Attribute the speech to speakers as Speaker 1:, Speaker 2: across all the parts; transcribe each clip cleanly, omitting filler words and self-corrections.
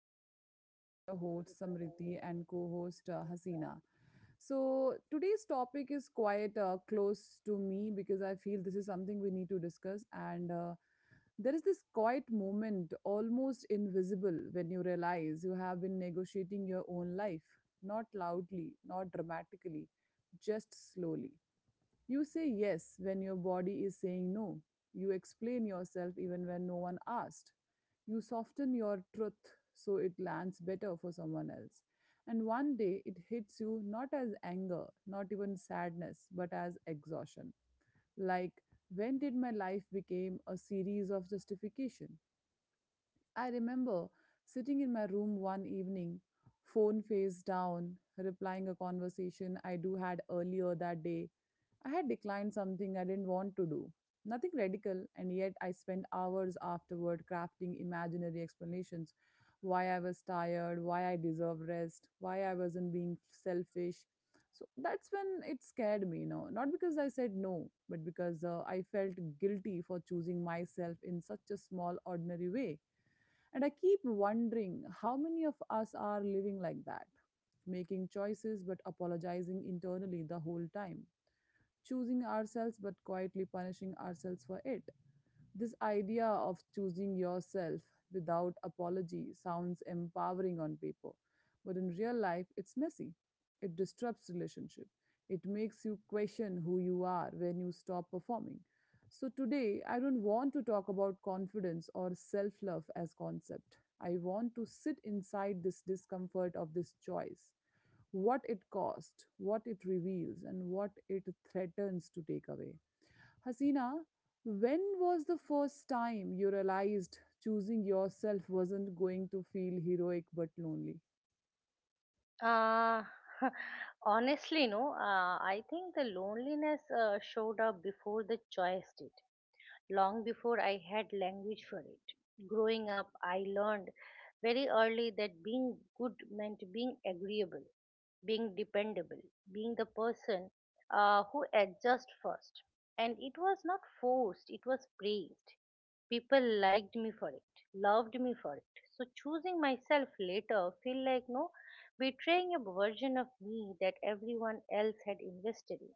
Speaker 1: another
Speaker 2: podcast today with
Speaker 1: podcast
Speaker 2: your
Speaker 1: today
Speaker 2: host
Speaker 1: with your host,
Speaker 2: Samriti and
Speaker 1: Samriti,
Speaker 2: co-host
Speaker 1: your host.
Speaker 2: Hasina. So today's topic is quite close to me because I feel this is something we need to discuss. And There is this quiet moment, almost invisible, when you realize you have been negotiating your own life, not loudly, not dramatically, just slowly. You say yes when your body is saying no. You explain yourself even when no one asked. You soften your truth so it lands better for someone else. And one day it hits you not as anger, not even sadness, but as exhaustion. Like, when did my life become a series of justification? I remember sitting in my room one evening, phone face down, replying a conversation I do had earlier that day. I had declined something I didn't want to do. Nothing radical, and yet I spent hours afterward crafting imaginary explanations why I was tired, why I deserved rest, why I wasn't being selfish. So that's when it scared me, you know, not because I said no, but because I felt guilty for choosing myself in such a small, ordinary way. And I keep wondering how many of us are living like that, making choices but apologizing internally the whole time, choosing ourselves but quietly punishing ourselves for it. This idea of choosing yourself without apology sounds empowering on paper, but in real life, it's messy. It disrupts relationship. It makes you question who you are when you stop performing. So today, I don't want to talk about confidence or self-love as concept. I want to sit inside this discomfort of this choice, what it cost, what it reveals, and what it threatens to take away. Hasina, when was the first time you realized choosing yourself wasn't going to feel heroic but lonely?
Speaker 1: uh, Uh, Honestly, no. I think the loneliness showed up before the choice did. Long before I had language for it. Growing up, I learned very early that being good meant being agreeable, being dependable, being the person who adjusts first. And it was not forced, it was praised. People liked me for it, loved me for it. So choosing myself later feel like no, betraying a version of me that everyone else had invested in.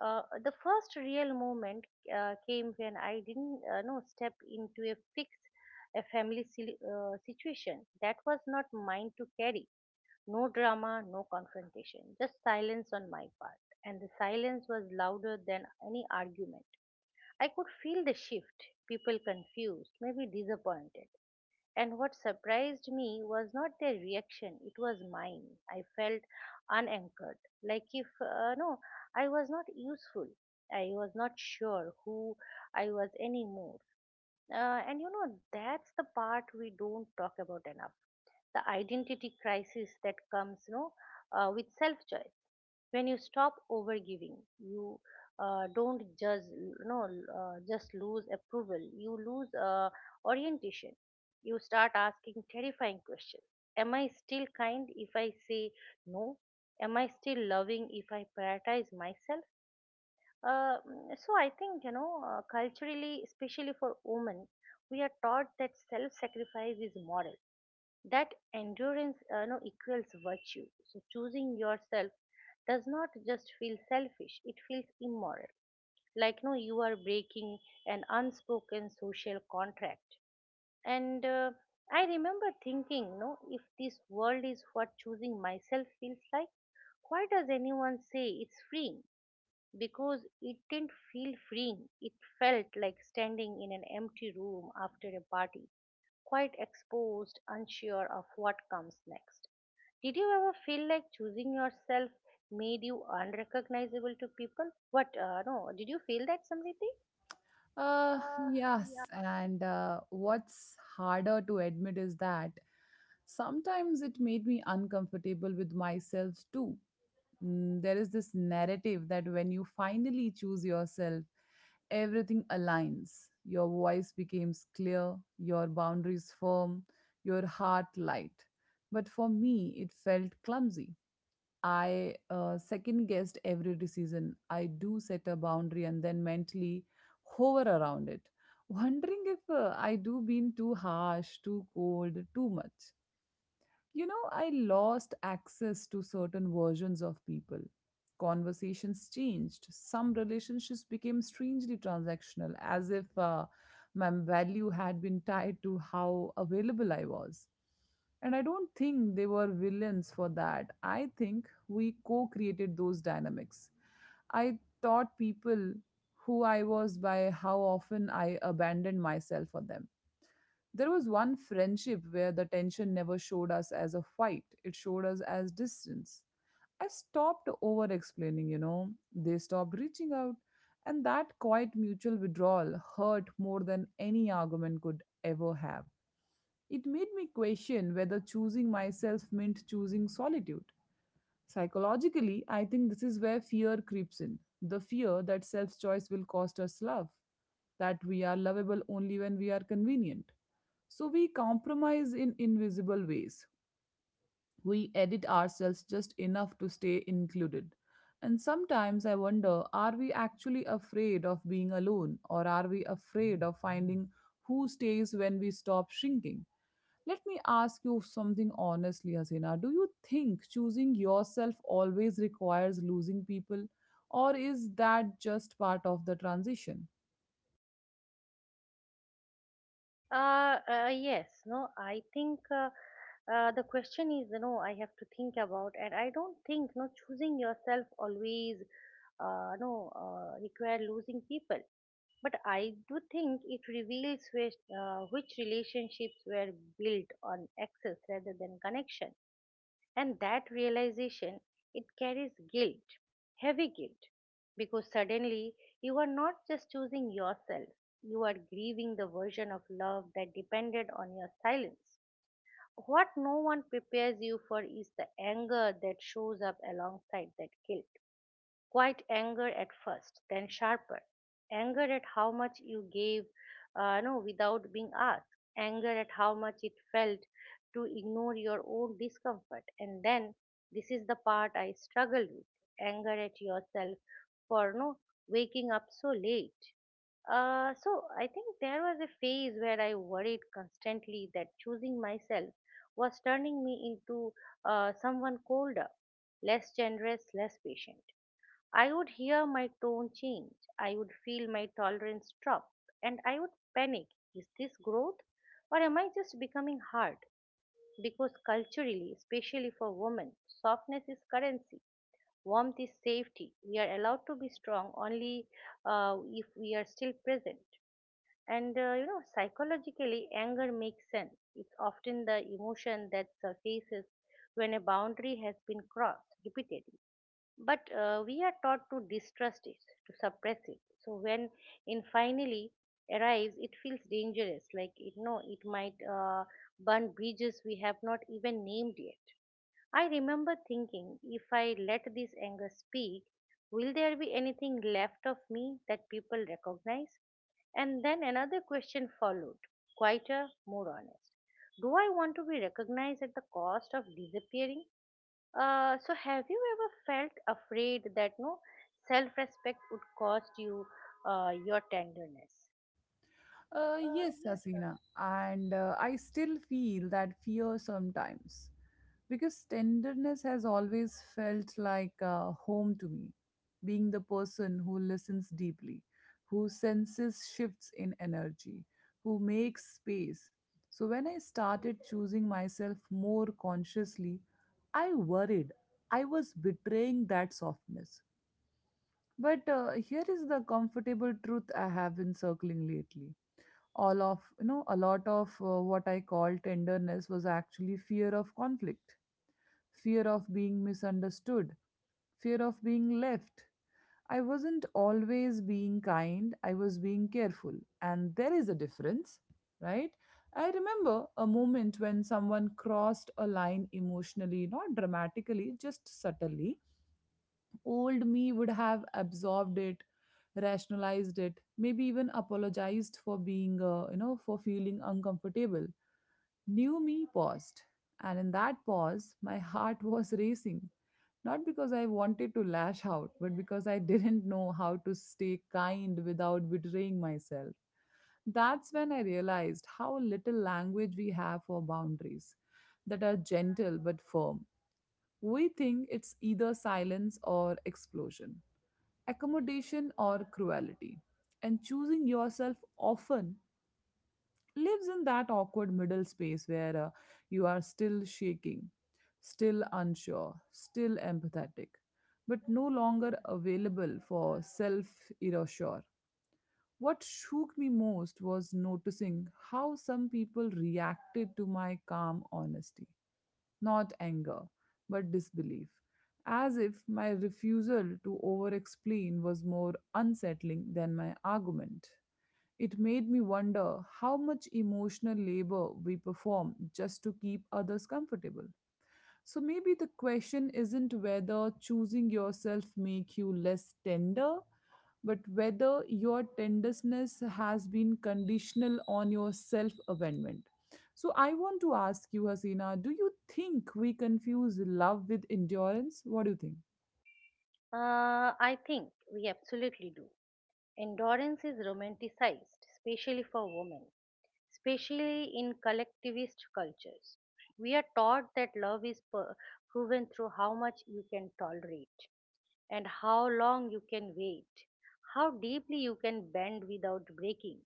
Speaker 1: The first real moment came when I didn't know step into a family situation that was not mine to carry. No drama, no confrontation, just silence on my part. And the silence was louder than any argument. I could feel the shift, people confused, maybe disappointed, and what surprised me was not their reaction, it was mine. I felt unanchored, like if, no, I was not useful. I was not sure who I was anymore. And you know, that's the part we don't talk about enough, the identity crisis that comes, with self choice. When you stop overgiving, you don't just no just lose approval, you lose orientation. You start asking terrifying questions. Am I still kind if I say no? Am I still loving if I prioritize myself? So I think, culturally, especially for women, we are taught that self sacrifice is moral, that endurance no, equals virtue. So choosing yourself does not just feel selfish, it feels immoral. Like no, you are breaking an unspoken social contract. And I remember thinking, no, if this world is what choosing myself feels like, why does anyone say it's free? Because it didn't feel freeing. It felt like standing in an empty room after a party, quite exposed, unsure of what comes next. Did you ever feel like choosing yourself made you unrecognizable to people? What, no, did you feel that, Samriti? Uh,
Speaker 2: Yes, and what's harder to admit is that sometimes it made me uncomfortable with myself too. Mm, there is this narrative that when you finally choose yourself, everything aligns. Your voice becomes clear, your boundaries firm, your heart light. But for me, it felt clumsy. I second guessed every decision. I do set a boundary and then mentally hover around it, wondering if I do been too harsh, too cold, too much. You know, I lost access to certain versions of people. Conversations changed. Some relationships became strangely transactional, as if my value had been tied to how available I was. And I don't think they were villains for that. I think we co created those dynamics. I taught people who I was by how often I abandoned myself for them. There was one friendship where the tension never showed us as a fight, it showed us as distance. I stopped over explaining, you know. They stopped reaching out, and that quiet mutual withdrawal hurt more than any argument could ever have. It made me question whether choosing myself meant choosing solitude. Psychologically, I think this is where fear creeps in the fear that self choice will cost us love, that we are lovable only when we are convenient. So we compromise in invisible ways. We edit ourselves just enough to stay included. And sometimes I wonder are we actually afraid of being alone, or are we afraid of finding who stays when we stop shrinking? Let me ask you something honestly, Hasina. Do you think choosing yourself always requires losing people, or is that just part of the transition?
Speaker 1: Yes, no, I think the question is, you know, I have to think about, and I don't think, no, choosing yourself always, no, require losing people. But I do think it reveals which relationships were built on access rather than connection. And that realization, it carries guilt, heavy guilt, because suddenly you are not just choosing yourself, you are grieving the version of love that depended on your silence. What no one prepares you for is the anger that shows up alongside that guilt. Quite anger at first, then sharper. Anger at how much you gave, no, without being asked. Anger at how much it felt to ignore your own discomfort. And then, this is the part I struggled with. Anger at yourself for no, waking up so late. So I think there was a phase where I worried constantly that choosing myself was turning me into someone colder, less generous, less patient. I would hear my tone change. I would feel my tolerance drop. And I would panic. Is this growth? Or am I just becoming hard? Because culturally, especially for women, softness is currency, warmth is safety. We are allowed to be strong only if we are still present. And you know, psychologically, anger makes sense. It's often the emotion that surfaces when a boundary has been crossed repeatedly, but we are taught to distrust it, to suppress it. So when it finally arrives, it feels dangerous. Like it, no, it might burn bridges we have not even named yet. I remember thinking, if I let this anger speak, will there be anything left of me that people recognize? And then another question followed, quieter, more honest. Do I want to be recognized at the cost of disappearing? So have you ever felt afraid that no, self-respect would cost you your tenderness?
Speaker 2: Yes,
Speaker 1: Yes, sir.
Speaker 2: Hasina. And I still feel that fear sometimes because tenderness has always felt like home to me, being the person who listens deeply, who senses shifts in energy, who makes space. So when I started choosing myself more consciously, I worried I was betraying that softness. But here is the comfortable truth I have been circling lately all of you know a lot of what I call tenderness was actually fear of conflict, fear of being misunderstood, fear of being left. I wasn't always being kind, I was being careful, and there is a difference, right? I remember a moment when someone crossed a line emotionally, not dramatically, just subtly. Old me would have absorbed it, rationalized it, maybe even apologized for being, you know, for feeling uncomfortable. New me paused, and in that pause, my heart was racing. Not because I wanted to lash out, but because I didn't know how to stay kind without betraying myself. That's when I realized how little language we have for boundaries that are gentle but firm. We think it's either silence or explosion, accommodation or cruelty. And choosing yourself often lives in that awkward middle space where you are still shaking, still unsure, still empathetic, but no longer available for self erasure. What shook me most was noticing how some people reacted to my calm honesty, not anger, but disbelief, as if my refusal to over explain was more unsettling than my argument. It made me wonder how much emotional labor we perform just to keep others comfortable. So maybe the question isn't whether choosing yourself make you less tender, but whether your tenderness has been conditional on your self-abandonment. So I want to ask you, Hasina, do you think we confuse love with endurance? What do you think?
Speaker 1: I think we absolutely do. Endurance is romanticized, especially for women, especially in collectivist cultures. We are taught that love is proven through how much you can tolerate, and how long you can wait, how deeply you can bend without breaking.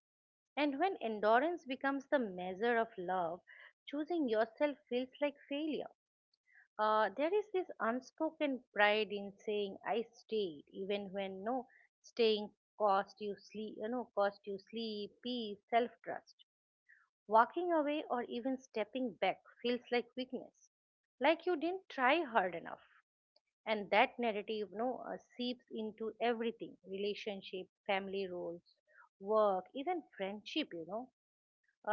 Speaker 1: And when endurance becomes the measure of love, choosing yourself feels like failure. There is this unspoken pride in saying I stayed, even when no, staying cost you sleep, peace, self-trust. Walking away or even stepping back feels like weakness, like you didn't try hard enough. And that narrative, seeps into everything: relationship, family roles, work, even friendship.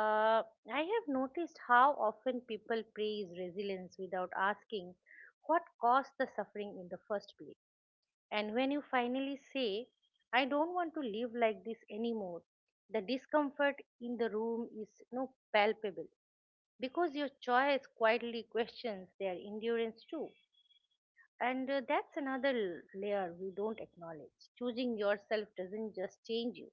Speaker 1: uh, I have noticed how often people praise resilience without asking what caused the suffering in the first place. And when you finally say, I don't want to live like this anymore, the discomfort in the room is palpable, because your choice quietly questions their endurance too. And that's another layer we don't acknowledge. Choosing yourself doesn't just change you,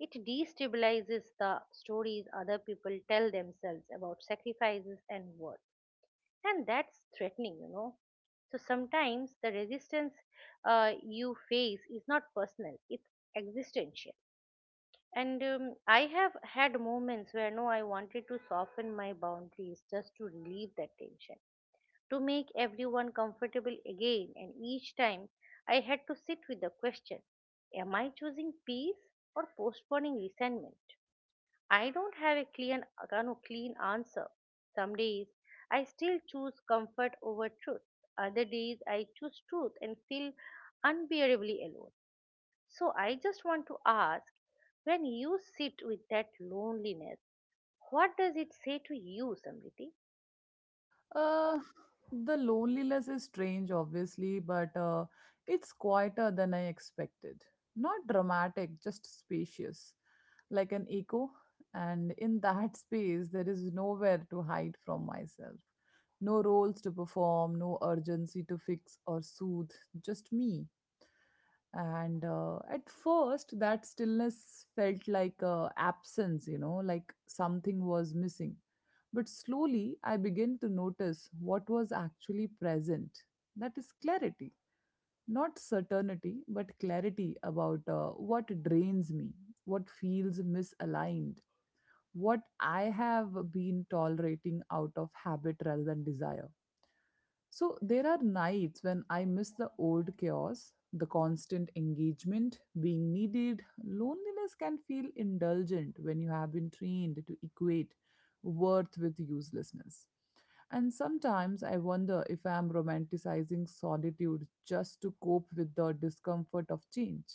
Speaker 1: it destabilizes the stories other people tell themselves about sacrifices and worth. And that's threatening. So sometimes the resistance you face is not personal, it's existential. And I have had moments where no, I wanted to soften my boundaries just to relieve that tension, to make everyone comfortable again, and each time I had to sit with the question, am I choosing peace or postponing resentment? I don't have a clean, kind of clean answer. Some days I still choose comfort over truth, other days I choose truth and feel unbearably alone. So I just want to ask, when you sit with that loneliness, what does it say to you, Samriti?
Speaker 2: Uh, the loneliness is strange, obviously, but it's quieter than I expected. Not dramatic, just spacious, like an echo. And in that space, there is nowhere to hide from myself. No roles to perform, no urgency to fix or soothe, just me. And At first that stillness felt like absence, you know, like something was missing, but slowly I began to notice what was actually present. That is clarity, not certainty, but clarity about what drains me, what feels misaligned, what I have been tolerating out of habit rather than desire. So there are nights when I miss the old chaos, the constant engagement, being needed. Loneliness can feel indulgent when you have been trained to equate worth with uselessness. And sometimes I wonder if I'm romanticizing solitude just to cope with the discomfort of change.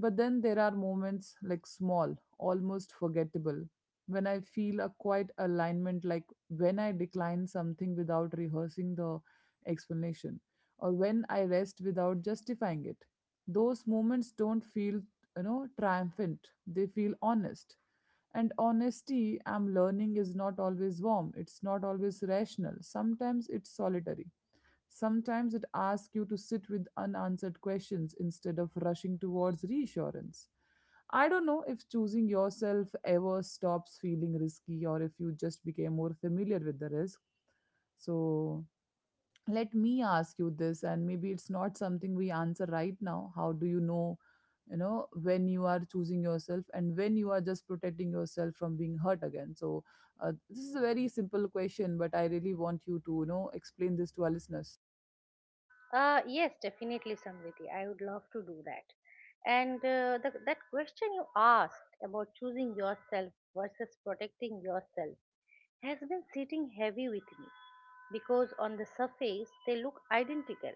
Speaker 2: But then there are moments like small, almost forgettable, when I feel a quiet alignment, like when I decline something without rehearsing the explanation, or when I rest without justifying it. Those moments don't feel, you know, triumphant, they feel honest. And honesty, I'm learning, is not always warm. It's not always rational. Sometimes it's solitary. Sometimes it asks you to sit with unanswered questions instead of rushing towards reassurance. I don't know if choosing yourself ever stops feeling risky or if you just became more familiar with the risk. So, let me ask you this, and maybe it's not something we answer right now. How do you know, you know, when you are choosing yourself and when you are just protecting yourself from being hurt again? So this is a very simple question, but I really want you to, you know, explain this to our listeners.
Speaker 1: Yes, definitely, Samriti. I would love to do that. And that question you asked about choosing yourself versus protecting yourself has been sitting heavy with me, because on the surface they look identical.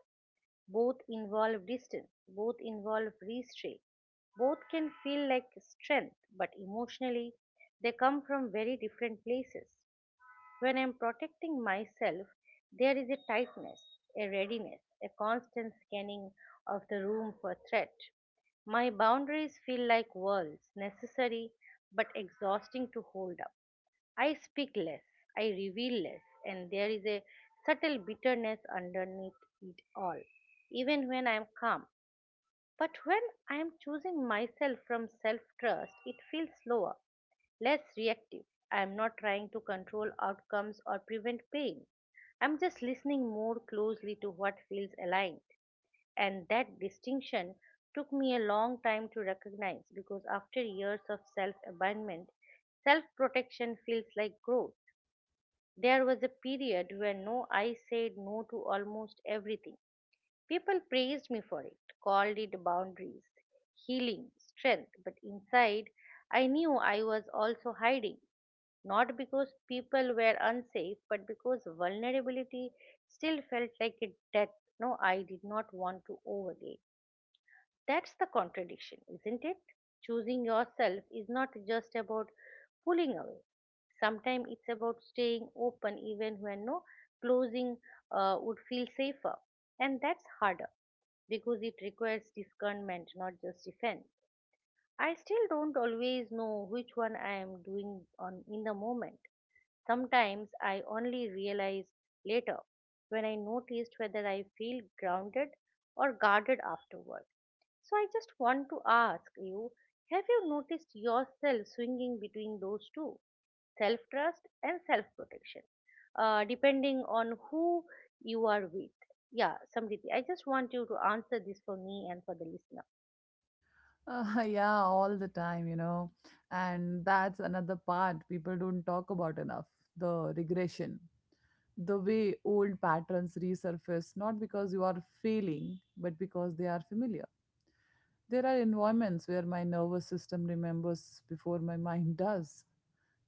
Speaker 1: Both involve distance, both involve restraint, both can feel like strength, but emotionally they come from very different places. When I am protecting myself, there is a tightness, a readiness, a constant scanning of the room for threat. My boundaries feel like walls, necessary but exhausting to hold up. I speak less, I reveal less, and there is a subtle bitterness underneath it all, even when I am calm. But when I am choosing myself from self trust, it feels slower, less reactive. I am not trying to control outcomes or prevent pain. I am just listening more closely to what feels aligned. And that distinction took me a long time to recognize, because after years of self abandonment, self protection feels like growth. There was a period when no, I said no to almost everything. People praised me for it, called it boundaries, healing, strength, but inside I knew I was also hiding. Not because people were unsafe, but because vulnerability still felt like a debt, no, I did not want to overlay. That's the contradiction, isn't it? Choosing yourself is not just about pulling away. Sometimes it's about staying open even when no, closing would feel safer. And that's harder because it requires discernment, not just defense. I still don't always know which one I am doing on in the moment. Sometimes I only realize later when I noticed whether I feel grounded or guarded afterward. So I just want to ask you, have you noticed yourself swinging between those two, self trust and self protection, depending on who you are with? Yeah, Samriti, I just want you to answer this for me and for the listeners.
Speaker 2: Uh, yeah, all the time, you know, and that's another part people don't talk about enough, the regression, the way old patterns resurface not because you are failing but because they are familiar. There are environments where my nervous system remembers before my mind does.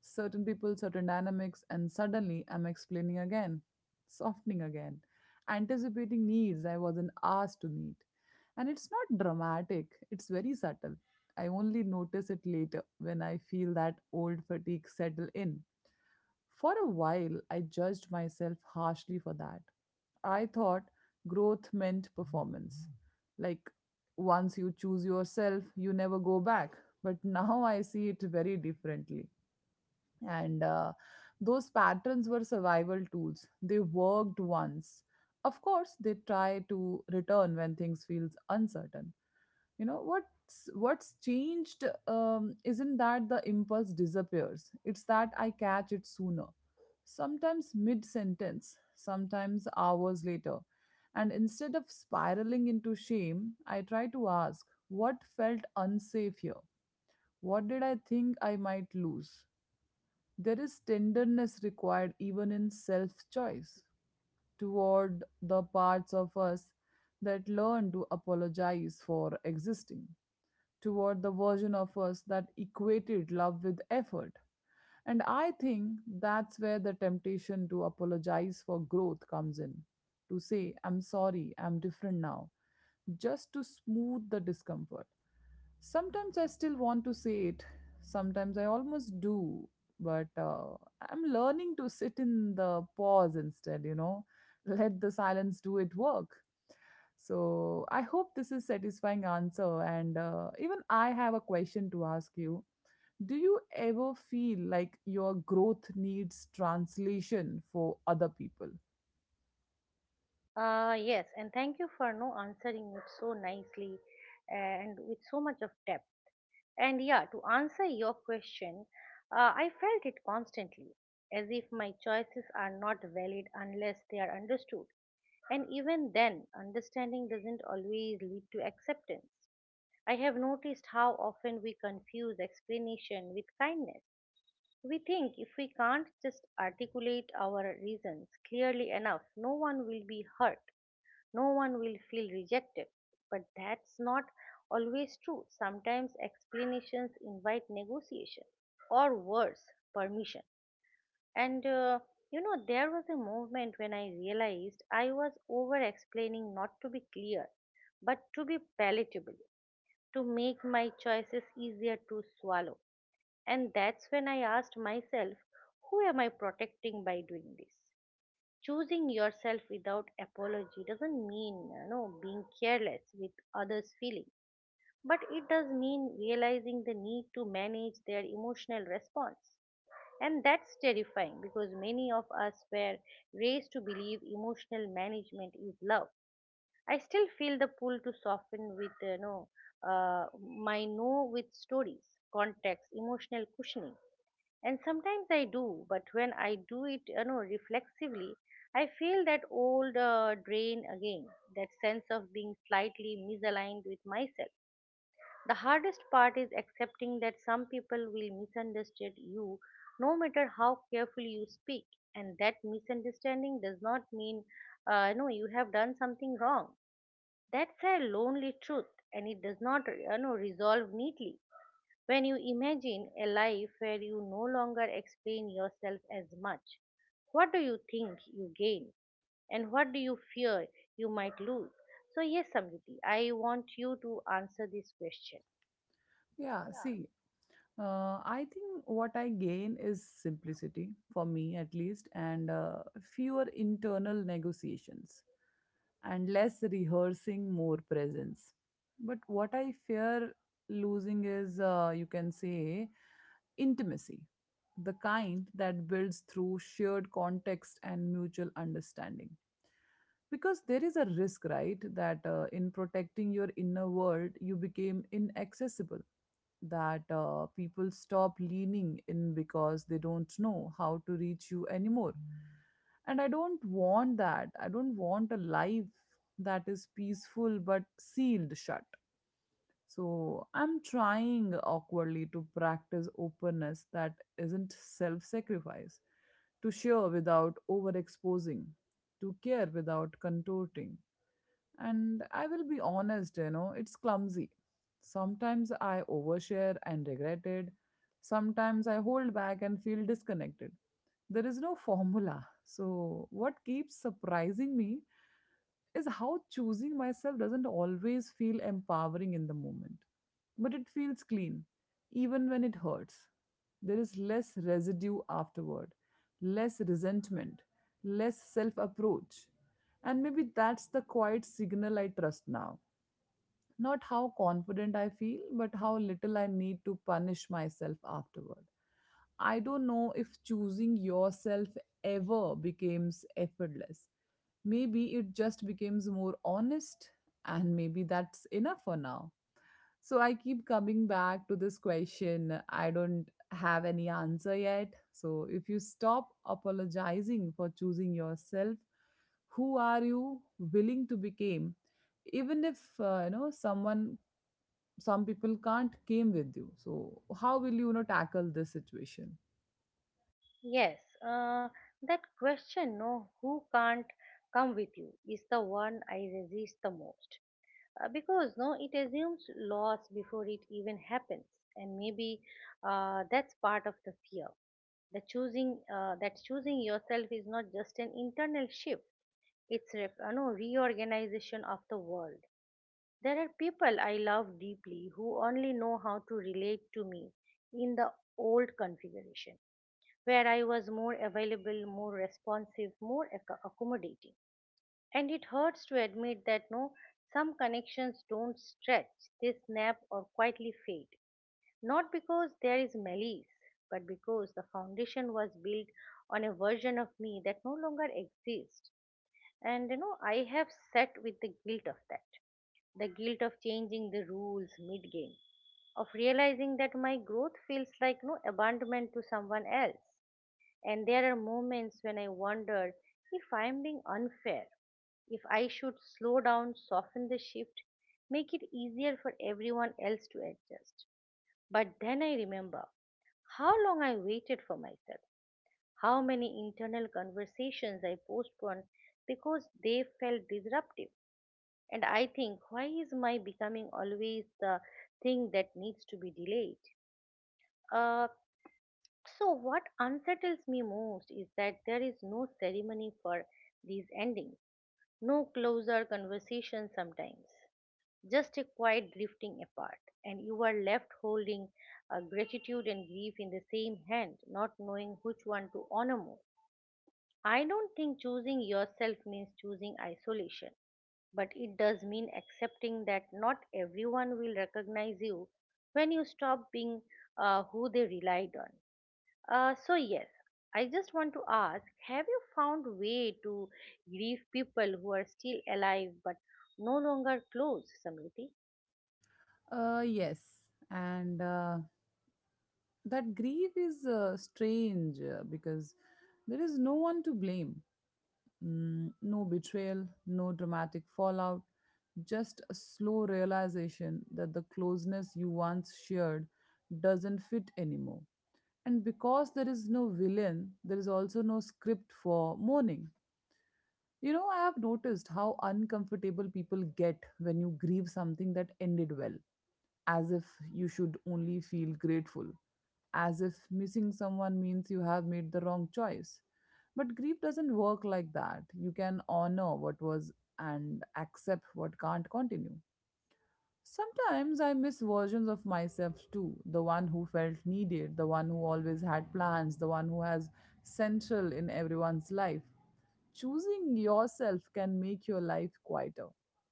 Speaker 2: Certain people, certain dynamics, and suddenly I'm explaining again, softening again, anticipating needs I wasn't asked to meet. And it's not dramatic, it's very subtle. I only notice it later when I feel that old fatigue settle in. For a while, I judged myself harshly for that. I thought growth meant performance. Like, once you choose yourself, you never go back. But now I see it very differently. And Those patterns were survival tools. They worked once. Of course, they try to return when things feels uncertain. You know, what's changed isn't that the impulse disappears, it's that I catch it sooner, sometimes mid sentence, sometimes hours later, and instead of spiraling into shame I try to ask what felt unsafe here, what did I think I might lose? There is tenderness required even in self choice, toward the parts of us that learn to apologize for existing, toward the version of us that equated love with effort. And I think that's where the temptation to apologize for growth comes in, to say, I'm sorry, I'm different now, just to smooth the discomfort. Sometimes I still want to say it, sometimes I almost do, but I'm learning to sit in the pause instead, you know, let the silence do its work. So I hope this is satisfying answer, and even I have a question to ask you. Do you ever feel like your growth needs translation for other people?
Speaker 1: Yes, and thank you for no, answering it so nicely and with so much of depth. And yeah, to answer your question, I felt it constantly, as if my choices are not valid unless they are understood. And even then, understanding doesn't always lead to acceptance. I have noticed how often we confuse explanation with kindness. We think if we can't just articulate our reasons clearly enough, no one will be hurt, no one will feel rejected. But that's not always true. Sometimes explanations invite negotiation or worse, permission. And you know, there was a moment when I realized I was over explaining, not to be clear, but to be palatable, to make my choices easier to swallow. And that's when I asked myself, who am I protecting by doing this? Choosing yourself without apology doesn't mean being careless with others feelings, but it does mean realizing the need to manage their emotional response. And that's terrifying because many of us were raised to believe emotional management is love. I still feel the pull to soften with uh, my no with stories, context, emotional cushioning. And sometimes I do, but when I do it reflexively, I feel that old drain again, that sense of being slightly misaligned with myself. The hardest part is accepting that some people will misunderstand you no matter how carefully you speak, and that misunderstanding does not mean you have done something wrong. That's a lonely truth, and it does not resolve neatly. When you imagine a life where you no longer explain yourself as much, what do you think you gain? And what do you fear you might lose? So, yes, Samriti, I want you to answer this question.
Speaker 2: Yeah, see, I think what I gain is simplicity for me at least, and fewer internal negotiations and less rehearsing, more presence. But what I fear losing is, you can say, intimacy, the kind that builds through shared context and mutual understanding. Because there is a risk, right, that in protecting your inner world, you became inaccessible, that people stop leaning in because they don't know how to reach you anymore. And I don't want that. I don't want a life that is peaceful but sealed shut. So I'm trying awkwardly to practice openness that isn't self sacrifice, to share without overexposing, to care without contorting. And I will be honest, it's clumsy. Sometimes I overshare and regret it. Sometimes I hold back and feel disconnected. There is no formula. So, what keeps surprising me is how choosing myself doesn't always feel empowering in the moment, but it feels clean, even when it hurts. There is less residue afterward, less resentment, less self approach. And maybe that's the quiet signal I trust now, not how confident I feel, but how little I need to punish myself afterward. I don't know if choosing yourself ever becomes effortless. Maybe it just becomes more honest, and maybe that's enough for now. So I keep coming back to this question. I don't have any answer yet. So if you stop apologizing for choosing yourself, who are you willing to become? Even if you know someone, some people can't came with you. So how will you, you know, tackle this situation?
Speaker 1: Yes, uh, that question, no, who can't come with you, is the one I resist the most. Because no, it assumes loss before it even happens. And maybe that's part of the fear, the choosing that choosing yourself is not just an internal shift, it's a reorganization of the world. There are people I love deeply who only know how to relate to me in the old configuration, where I was more available, more responsive, more accommodating. And it hurts to admit that no, some connections don't stretch, they snap or quietly fade. Not because there is malice, but because the foundation was built on a version of me that no longer exists. And I have sat with the guilt of that. The guilt of changing the rules mid game, of realizing that my growth feels like no abandonment to someone else. And there are moments when I wonder if I'm being unfair, if I should slow down, soften the shift, make it easier for everyone else to adjust. But then I remember how long I waited for myself, how many internal conversations I postponed because they felt disruptive. And I think, why is my becoming always the thing that needs to be delayed? Uh, So, what unsettles me most is that there is no ceremony for these endings, no closer conversation sometimes, just a quiet drifting apart, and you are left holding gratitude and grief in the same hand, not knowing which one to honor more. I don't think choosing yourself means choosing isolation, but it does mean accepting that not everyone will recognize you when you stop being who they relied on. So yes, I just want to ask, have you found way to grieve people who are still alive but no longer close, Samriti?
Speaker 2: Yes, and that grief is strange because there is no one to blame. Mm, no betrayal, no dramatic fallout, just a slow realization that the closeness you once shared doesn't fit anymore. And because there is no villain, there is also no script for mourning. You know, I have noticed how uncomfortable people get when you grieve something that ended well, as if you should only feel grateful, as if missing someone means you have made the wrong choice. But grief doesn't work like that. You can honor what was and accept what can't continue. Sometimes I miss versions of myself too. The one who felt needed, the one who always had plans, the one who has central in everyone's life. Choosing yourself can make your life quieter,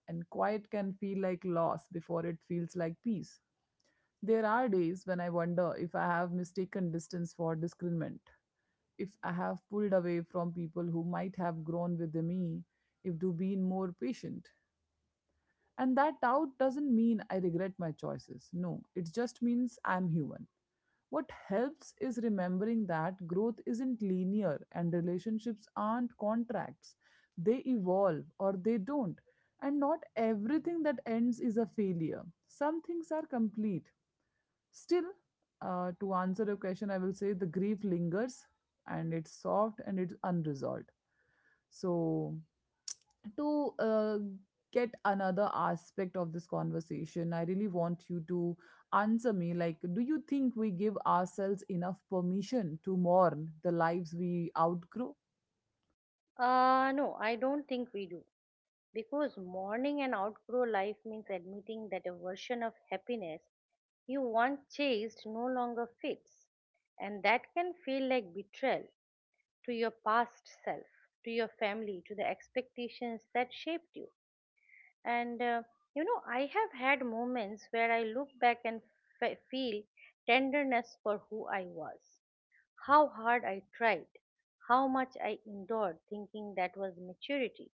Speaker 2: and quiet can feel like loss before it feels like peace. There are days when I wonder if I have mistaken distance for discernment, if I have pulled away from people who might have grown with me, if to be more patient. And that doubt doesn't mean I regret my choices. No, it just means I'm human. What helps is remembering that growth isn't linear and relationships aren't contracts. They evolve or they don't. And not everything that ends is a failure. Some things are complete. Still, to answer your question, I will say the grief lingers and it's soft and it's unresolved. So to get another aspect of this conversation, I really want you to answer me, like, do you think we give ourselves enough permission to mourn the lives we outgrow?
Speaker 1: No, I don't think we do. Because mourning and outgrow life means admitting that a version of happiness you once chased no longer fits. And that can feel like betrayal to your past self, to your family, to the expectations that shaped you. And I have had moments where I look back and feel tenderness for who I was, how hard I tried, how much I endured, thinking that was maturity.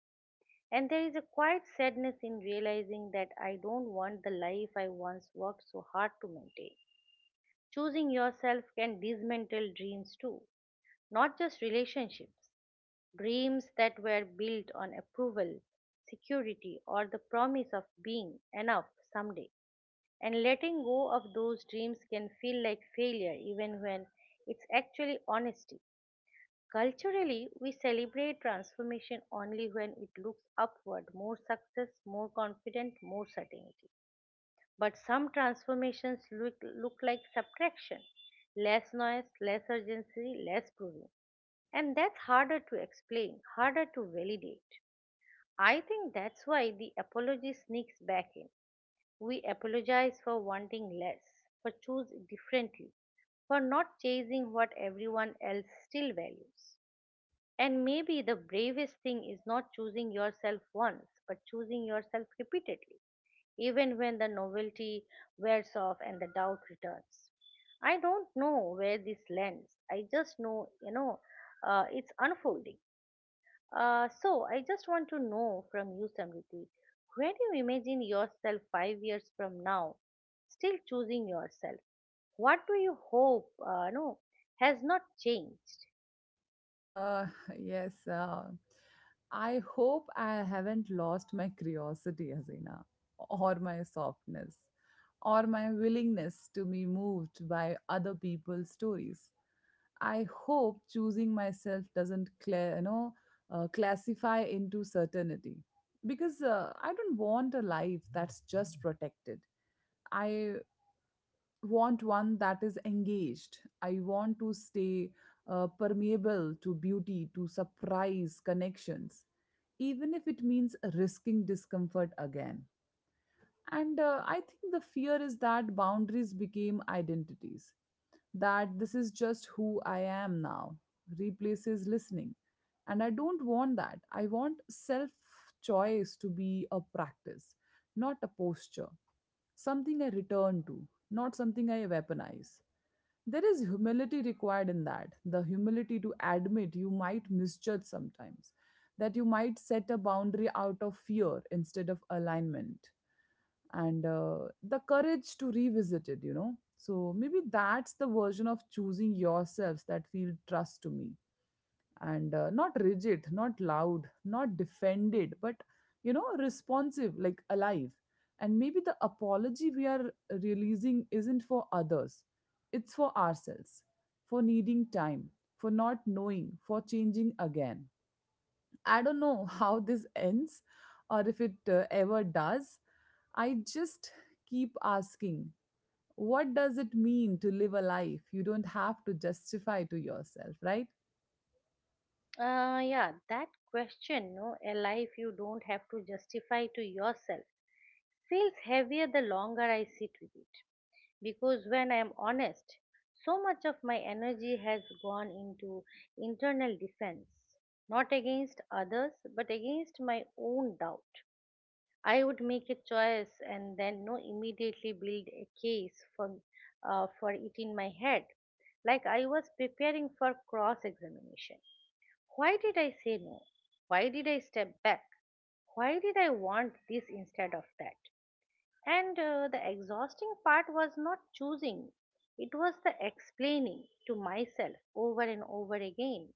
Speaker 1: And there is a quiet sadness in realizing that I don't want the life I once worked so hard to maintain. Choosing yourself can dismantle dreams too, not just relationships, dreams that were built on approval, security, or the promise of being enough someday. And letting go of those dreams can feel like failure even when it's actually honesty. Culturally, we celebrate transformation only when it looks upward, more success, more confident, more certainty. But some transformations look like subtraction, less noise, less urgency, less proving. And that's harder to explain, harder to validate. I think that's why the apology sneaks back in. We apologize for wanting less, for choosing differently, for not chasing what everyone else still values. And maybe the bravest thing is not choosing yourself once, but choosing yourself repeatedly, even when the novelty wears off and the doubt returns. I don't know where this lands. I just know, it's unfolding. So, I just want to know from you, Samriti, where do you imagine yourself 5 years from now, still choosing yourself? What do you hope, no, has not changed?
Speaker 2: Uh, yes. I hope I haven't lost my curiosity, Azina, or my softness, or my willingness to be moved by other people's stories. I hope choosing myself doesn't clear, classify into certainty because I don't want a life that's just protected. I want one that is engaged. I want to stay permeable to beauty, to surprise connections, even if it means risking discomfort again. And I think the fear is that boundaries became identities, that this is just who I am now replaces listening. And I don't want that. I want self choice to be a practice, not a posture, something I return to, not something I weaponize. There is humility required in that, the humility to admit you might misjudge sometimes, that you might set a boundary out of fear instead of alignment, and the courage to revisit it, you know, so maybe that's the version of choosing yourselves that feel trust to me, and not rigid, not loud, not defended, but, you know, responsive, like alive. And maybe the apology we are releasing isn't for others, it's for ourselves, for needing time, for not knowing, for changing again. I don't know how this ends or if it ever does. I just keep asking, what does it mean to live a life you don't have to justify to yourself, right?
Speaker 1: Yeah, that question, no, a life you don't have to justify to yourself, feels heavier the longer I sit with it. Because when I am honest, so much of my energy has gone into internal defense, not against others, but against my own doubt. I would make a choice and then no immediately build a case for it in my head, like I was preparing for cross examination. Why did I say no? Why did I step back? Why did I want this instead of that? And the exhausting part was not choosing, it was the explaining to myself over and over again.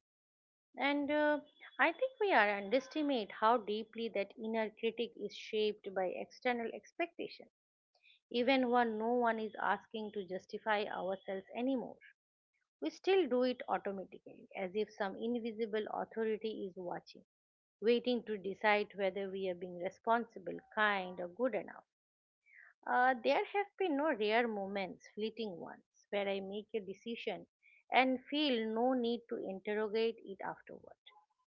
Speaker 1: And I think we are underestimate how deeply that inner critic is shaped by external expectation. Even when no one is asking to justify ourselves anymore, we still do it automatically, as if some invisible authority is watching, waiting to decide whether we are being responsible, kind, or good enough. There have been no rare moments, fleeting ones, where I make a decision and feel no need to interrogate it afterward.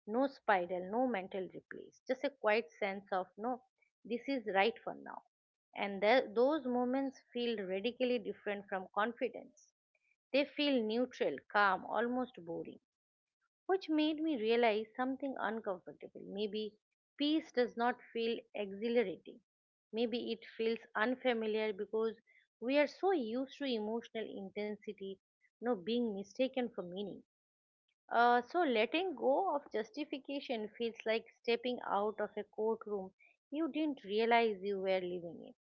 Speaker 1: No spiral, no mental replays, just a quiet sense of no, this is right for now. And those moments feel radically different from confidence. They feel neutral, calm, almost boring, which made me realize something uncomfortable. Maybe peace does not feel exhilarating. Maybe it feels unfamiliar because we are so used to emotional intensity, no being mistaken for meaning. So letting go of justification feels like stepping out of a courtroom you didn't realize you were living in.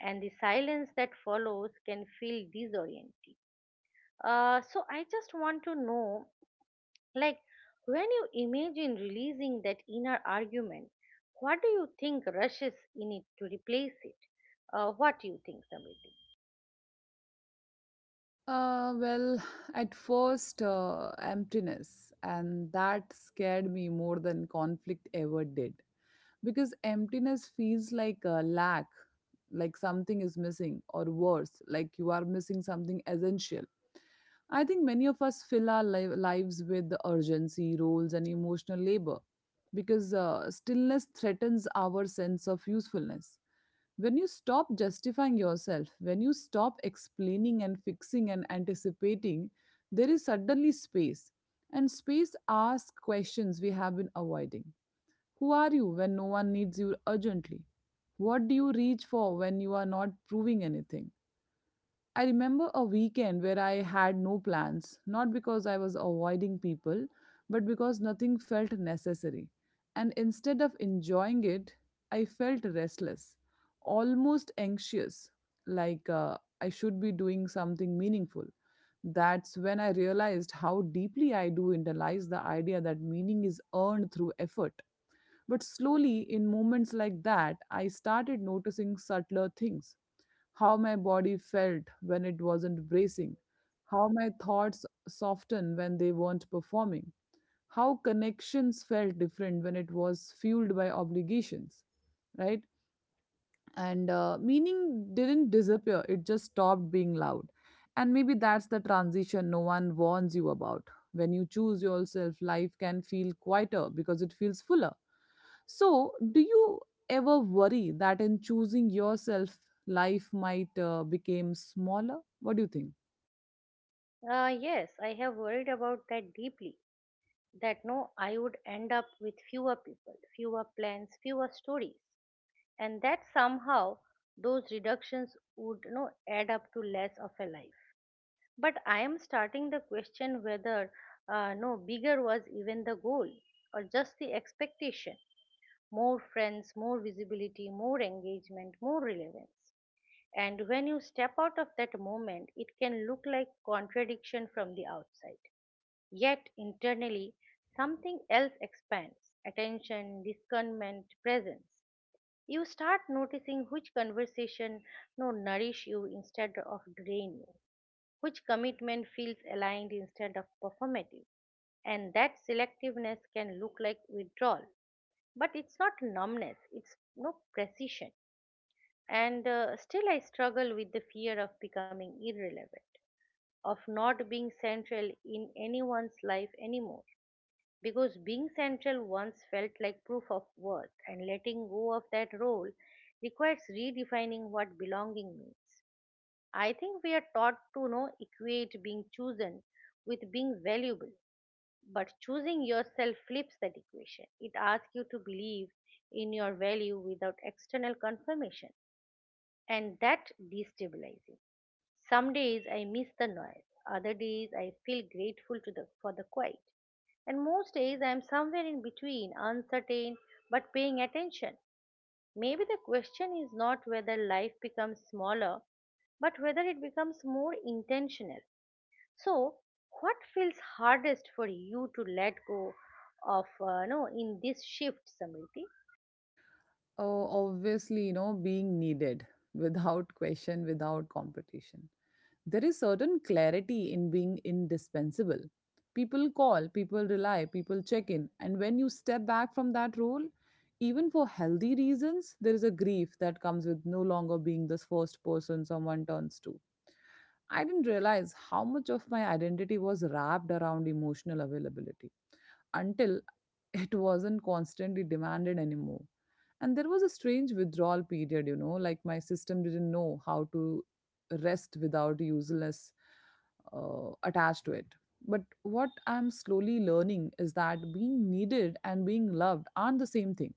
Speaker 1: And the silence that follows can feel disorienting. So I just want to know, like, when you imagine releasing that inner argument, what do you think rushes in it to replace it? What do you think, Samriti?
Speaker 2: Well, at first, emptiness, and that scared me more than conflict ever did. Because emptiness feels like a lack, like something is missing, or worse, like you are missing something essential. I think many of us fill our lives with the urgency, roles, and emotional labor because stillness threatens our sense of usefulness. When you stop justifying yourself, when you stop explaining and fixing and anticipating, there is suddenly space, and space asks questions we have been avoiding. Who are you when no one needs you urgently? What do you reach for when you are not proving anything? I remember a weekend where I had no plans, not because I was avoiding people, but because nothing felt necessary. And instead of enjoying it, I felt restless, almost anxious, like I should be doing something meaningful. That's when I realized how deeply I do internalize the idea that meaning is earned through effort. But slowly, in moments like that, I started noticing subtler things: how my body felt when it wasn't bracing, how my thoughts softened when they weren't performing, how connections felt different when it was fueled by obligations, right? And meaning didn't disappear, it just stopped being loud. And maybe that's the transition no one warns you about. When you choose yourself, life can feel quieter because it feels fuller. So do you ever worry that in choosing yourself life might become smaller? What do you think?
Speaker 1: Yes, I have worried about that deeply. That no, I would end up with fewer people, fewer plans, fewer stories, and that somehow those reductions would add up to less of a life. But I am starting the question whether no, bigger was even the goal or just the expectation. More friends, more visibility, more engagement, more relevance. And when you step out of that moment, it can look like contradiction from the outside. Yet internally, something else expands, attention, discernment, presence. You start noticing which conversation no nourish you instead of drain you, which commitment feels aligned instead of performative. And that selectiveness can look like withdrawal, but it's not numbness, it's no precision. And still I struggle with the fear of becoming irrelevant, of not being central in anyone's life anymore, because being central once felt like proof of worth, and letting go of that role requires redefining what belonging means. I think we are taught to equate being chosen with being valuable, but choosing yourself flips that equation. It asks you to believe in your value without external confirmation, and that destabilizing. Some days I miss the noise, other days I feel grateful to the for the quiet, and most days I am somewhere in between, uncertain but paying attention. Maybe the question is not whether life becomes smaller, but whether it becomes more intentional. So, what feels hardest for you to let go of, no, in this shift, Samriti?
Speaker 2: Oh, obviously, you know, being needed without question, without competition. There is certain clarity in being indispensable. People call, people rely, people check in. And when you step back from that role, even for healthy reasons, there is a grief that comes with no longer being this first person someone turns to. I didn't realize how much of my identity was wrapped around emotional availability until it wasn't constantly demanded anymore. And there was a strange withdrawal period, you know, like my system didn't know how to rest without useless attached to it. But what I'm slowly learning is that being needed and being loved aren't the same thing.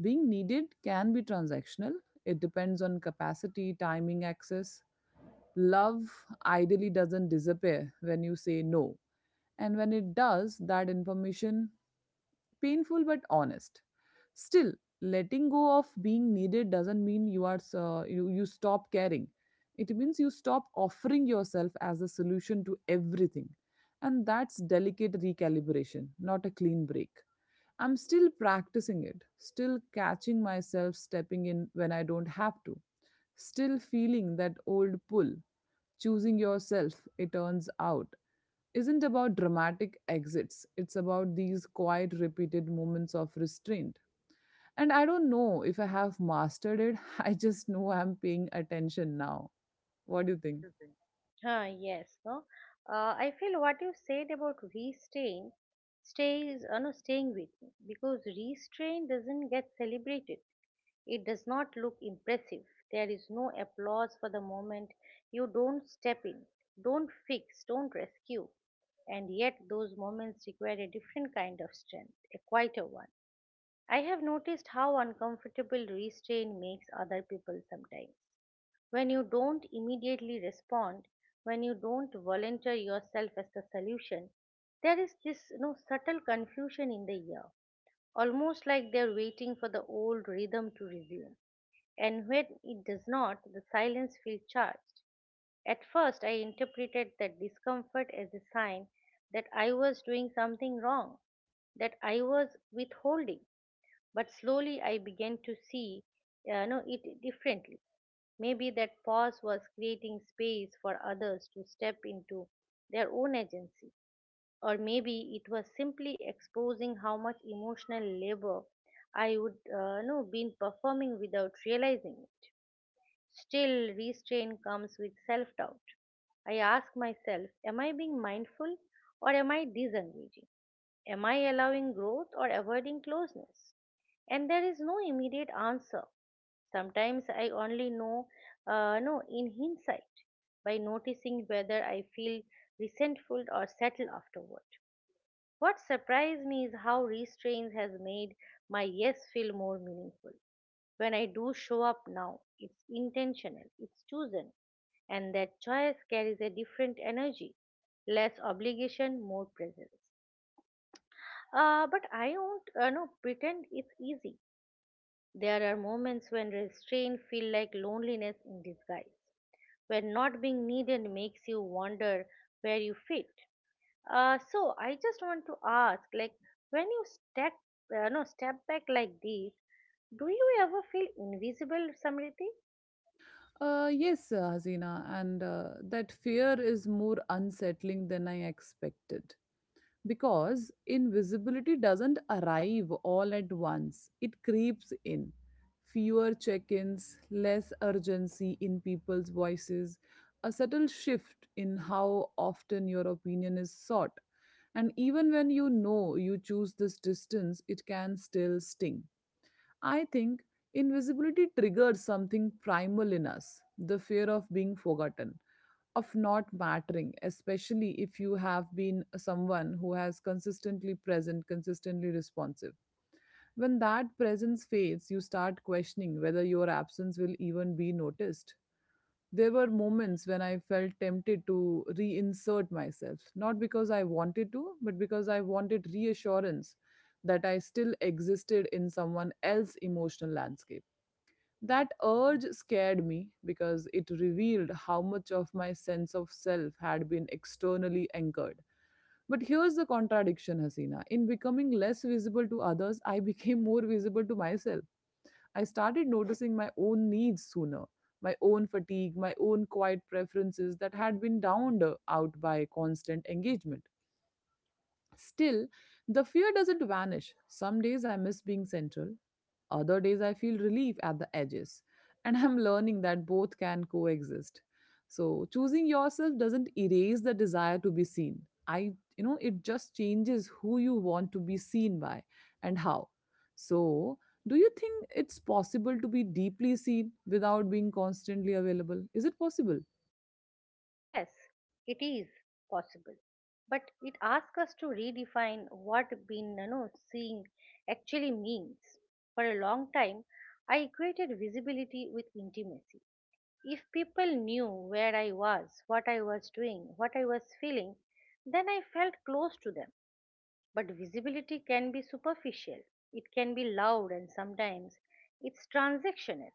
Speaker 2: Being needed can be transactional, it depends on capacity, timing, access. Love ideally doesn't disappear when you say no. And when it does, that information painful but honest. Still, letting go of being needed doesn't mean you are you stop caring. It means you stop offering yourself as a solution to everything. And that's delicate recalibration, not a clean break. I'm still practicing it, still catching myself stepping in when I don't have to, still feeling that old pull. Choosing yourself, it turns out, isn't about dramatic exits. It's about these quiet, repeated moments of restraint. And I don't know if I have mastered it. I just know I'm paying attention now. What do you think?
Speaker 1: What do you think? Huh, yes, no. I feel what you said about restraint no, staying with me because restraint doesn't get celebrated. It does not look impressive. There is no applause for the moment. You don't step in, don't fix, don't rescue. And yet, those moments require a different kind of strength, a quieter one. I have noticed how uncomfortable restraint makes other people sometimes. When you don't immediately respond, when you don't volunteer yourself as the solution, there is this subtle confusion in the air, almost like they're waiting for the old rhythm to resume, and when it does not, the silence feels charged. At first, I interpreted that discomfort as a sign that I was doing something wrong, that I was withholding. But slowly, I began to see no, it differently. Maybe that pause was creating space for others to step into their own agency, or maybe it was simply exposing how much emotional labor I would no been performing without realizing it. Still, restraint comes with self doubt. I ask myself, am I being mindful or am I disengaging? Am I allowing growth or avoiding closeness? And there is no immediate answer. Sometimes I only know, no, in hindsight, by noticing whether I feel resentful or settled afterward. What surprised me is how restraint has made my yes feel more meaningful. When I do show up now, it's intentional, it's chosen, and that choice carries a different energy, less obligation, more presence. But I won't no, pretend it's easy. There are moments when restraint feel like loneliness in disguise, where not being needed makes you wonder where you fit. So I just want to ask, when you step, no, step back like this, do you ever feel invisible, Samriti?
Speaker 2: Yes, Hasina, and that fear is more unsettling than I expected. Because invisibility doesn't arrive all at once, it creeps in. Fewer check ins, less urgency in people's voices, a subtle shift in how often your opinion is sought. And even when you know you choose this distance, it can still sting. I think invisibility triggers something primal in us, the fear of being forgotten, of not mattering, especially if you have been someone who has consistently present, consistently responsive. When that presence fades, you start questioning whether your absence will even be noticed. There were moments when I felt tempted to reinsert myself, not because I wanted to, but because I wanted reassurance that I still existed in someone else's emotional landscape. That urge scared me because it revealed how much of my sense of self had been externally anchored. But here's the contradiction, Hasina. In becoming less visible to others, I became more visible to myself. I started noticing my own needs sooner, my own fatigue, my own quiet preferences that had been downed out by constant engagement. Still, the fear doesn't vanish. Some days I miss being central, other days, I feel relief at the edges. And I'm learning that both can coexist. So, choosing yourself doesn't erase the desire to be seen. It just changes who you want to be seen by and how. So, do you think it's possible to be deeply seen without being constantly available? Is it possible?
Speaker 1: Yes, it is possible, but it asks us to redefine what being seeing actually means. For a long time, I equated visibility with intimacy. If people knew where I was, what I was doing, what I was feeling, then I felt close to them. But visibility can be superficial, it can be loud, and sometimes it's transactional.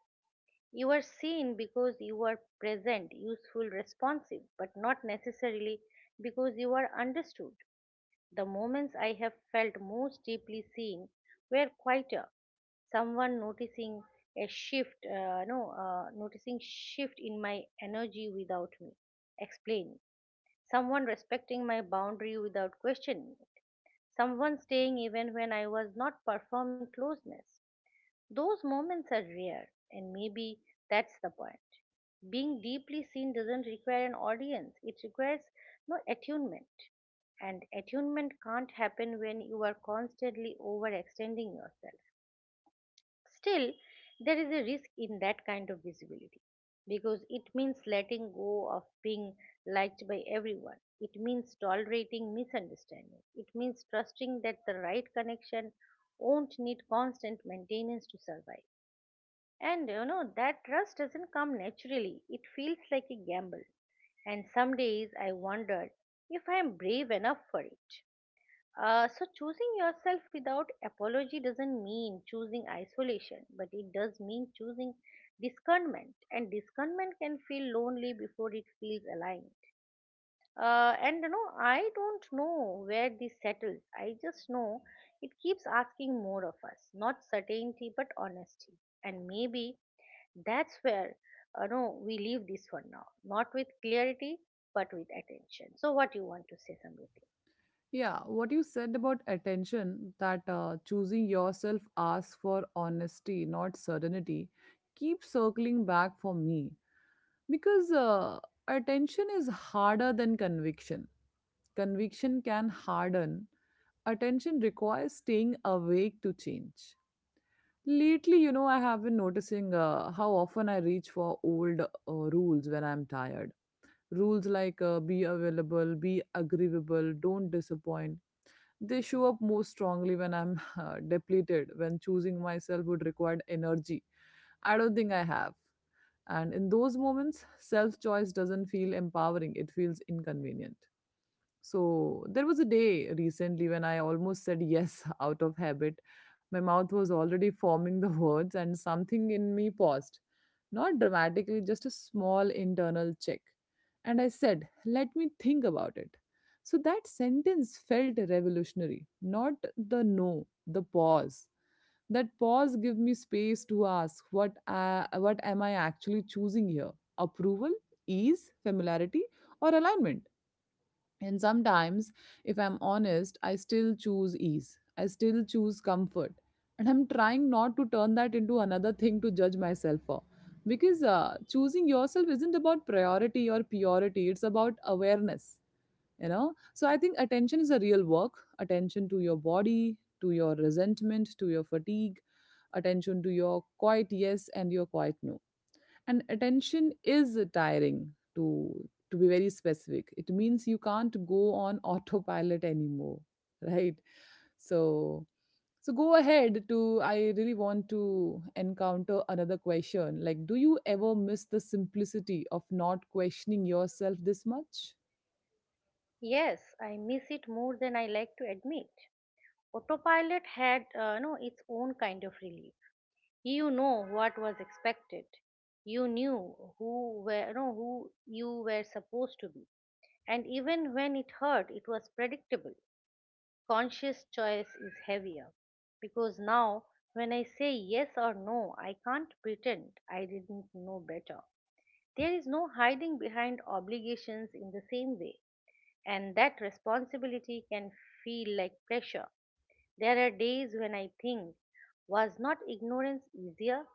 Speaker 1: You are seen because you are present, useful, responsive, but not necessarily because you are understood. The moments I have felt most deeply seen were quieter, someone noticing a shift no noticing shift in my energy without me explaining, someone respecting my boundary without questioning, someone staying even when I was not performing closeness. Those moments are rare, and maybe that's the point. Being deeply seen doesn't require an audience, it requires no attunement. And attunement can't happen when you are constantly overextending yourself. Still, there is a risk in that kind of visibility because it means letting go of being liked by everyone. It means tolerating misunderstanding. It means trusting that the right connection won't need constant maintenance to survive. That trust doesn't come naturally, it feels like a gamble. And some days I wonder if I am brave enough for it. Choosing yourself without apology doesn't mean choosing isolation, but it does mean choosing discernment. And discernment can feel lonely before it feels aligned. I don't know where this settles. I just know it keeps asking more of us, not certainty but honesty. And maybe that's where no, we leave this one now, not with clarity but with attention. So, what do you want to say, Samriti?
Speaker 2: Yeah, what you said about attention, that choosing yourself asks for honesty, not certainty, keeps circling back for me. Because attention is harder than conviction. Conviction can harden. Attention requires staying awake to change. Lately, I have been noticing how often I reach for old rules when I'm tired. Rules like be available, be agreeable, don't disappoint. They show up more strongly when I'm depleted, when choosing myself would require energy I don't think I have. And in those moments, self choice doesn't feel empowering, it feels inconvenient. So, there was a day recently when I almost said yes out of habit. My mouth was already forming the words, and something in me paused. Not dramatically, just a small internal check. And I said, let me think about it. So, that sentence felt revolutionary. Not the no, the pause. That pause give me space to ask what am I actually choosing here? Approval, ease, familiarity, or alignment? And sometimes, if I'm honest, I still choose ease. I still choose comfort. And I'm trying not to turn that into another thing to judge myself for. Because choosing yourself isn't about priority or purity, it's about awareness. So I think attention is a real work. Attention to your body, to your resentment, to your fatigue. Attention to your quiet yes and your quiet no. And attention is tiring. To to be very specific, it means you can't go on autopilot anymore, right? So, so go ahead to. I really want to encounter another question like, do you ever miss the simplicity of not questioning yourself this much?
Speaker 1: Yes, I miss it more than I like to admit. Autopilot had no its own kind of relief. You know what was expected. You knew who were no who you were supposed to be. And even when it hurt, it was predictable. Conscious choice is heavier because now when I say yes or no, I can't pretend I didn't know better. There is no hiding behind obligations in the same way, and that responsibility can feel like pressure. There are days when I think, was not ignorance easier?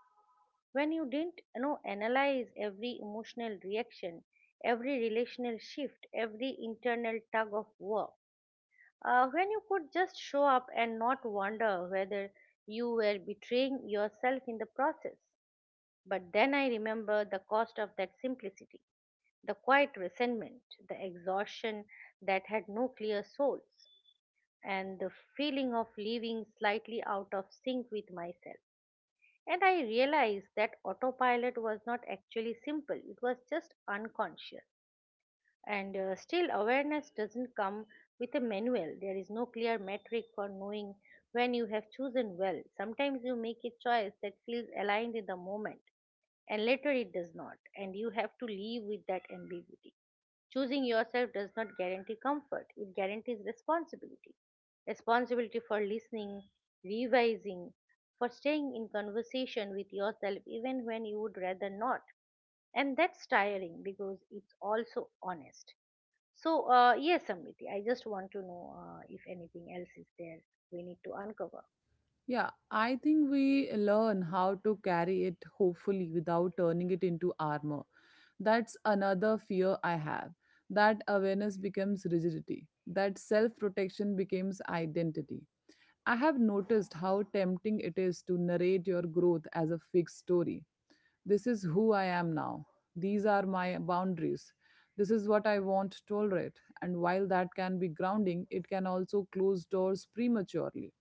Speaker 1: When you didn't analyze every emotional reaction, every relational shift, every internal tug of war. When you could just show up and not wonder whether you were betraying yourself in the process. But then I remember the cost of that simplicity, the quiet resentment, the exhaustion that had no clear source, and the feeling of living slightly out of sync with myself. And I realized that autopilot was not actually simple, it was just unconscious. And Still, awareness doesn't come with a manual. There is no clear metric for knowing when you have chosen well. Sometimes you make a choice that feels aligned in the moment, and later it does not, and you have to live with that ambiguity. Choosing yourself does not guarantee comfort, it guarantees responsibility. Responsibility for listening, revising, for staying in conversation with yourself even when you would rather not. And that's tiring because it's also honest. So, yes, Samriti, I just want to know if anything else is there we need to uncover.
Speaker 2: Yeah, I think we learn how to carry it, hopefully without turning it into armor. That's another fear I have. That awareness becomes rigidity, that self protection becomes identity. I have noticed how tempting it is to narrate your growth as a fixed story. This is who I am now. These are my boundaries. This is what I won't tolerate. And while that can be grounding, it can also close doors prematurely.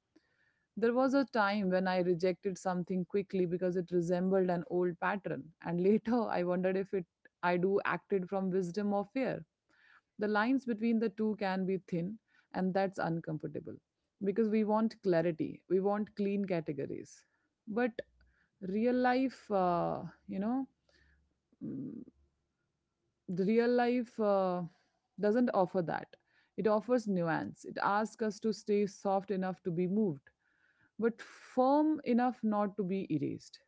Speaker 2: There was a time when I rejected something quickly because it resembled an old pattern, and later I wondered if it I do acted from wisdom or fear. The lines between the two can be thin, and that's uncomfortable because we want clarity, we want clean categories. But real life, mm, the real life doesn't offer that. It offers nuance. It asks us to stay soft enough to be moved but firm enough not to be erased.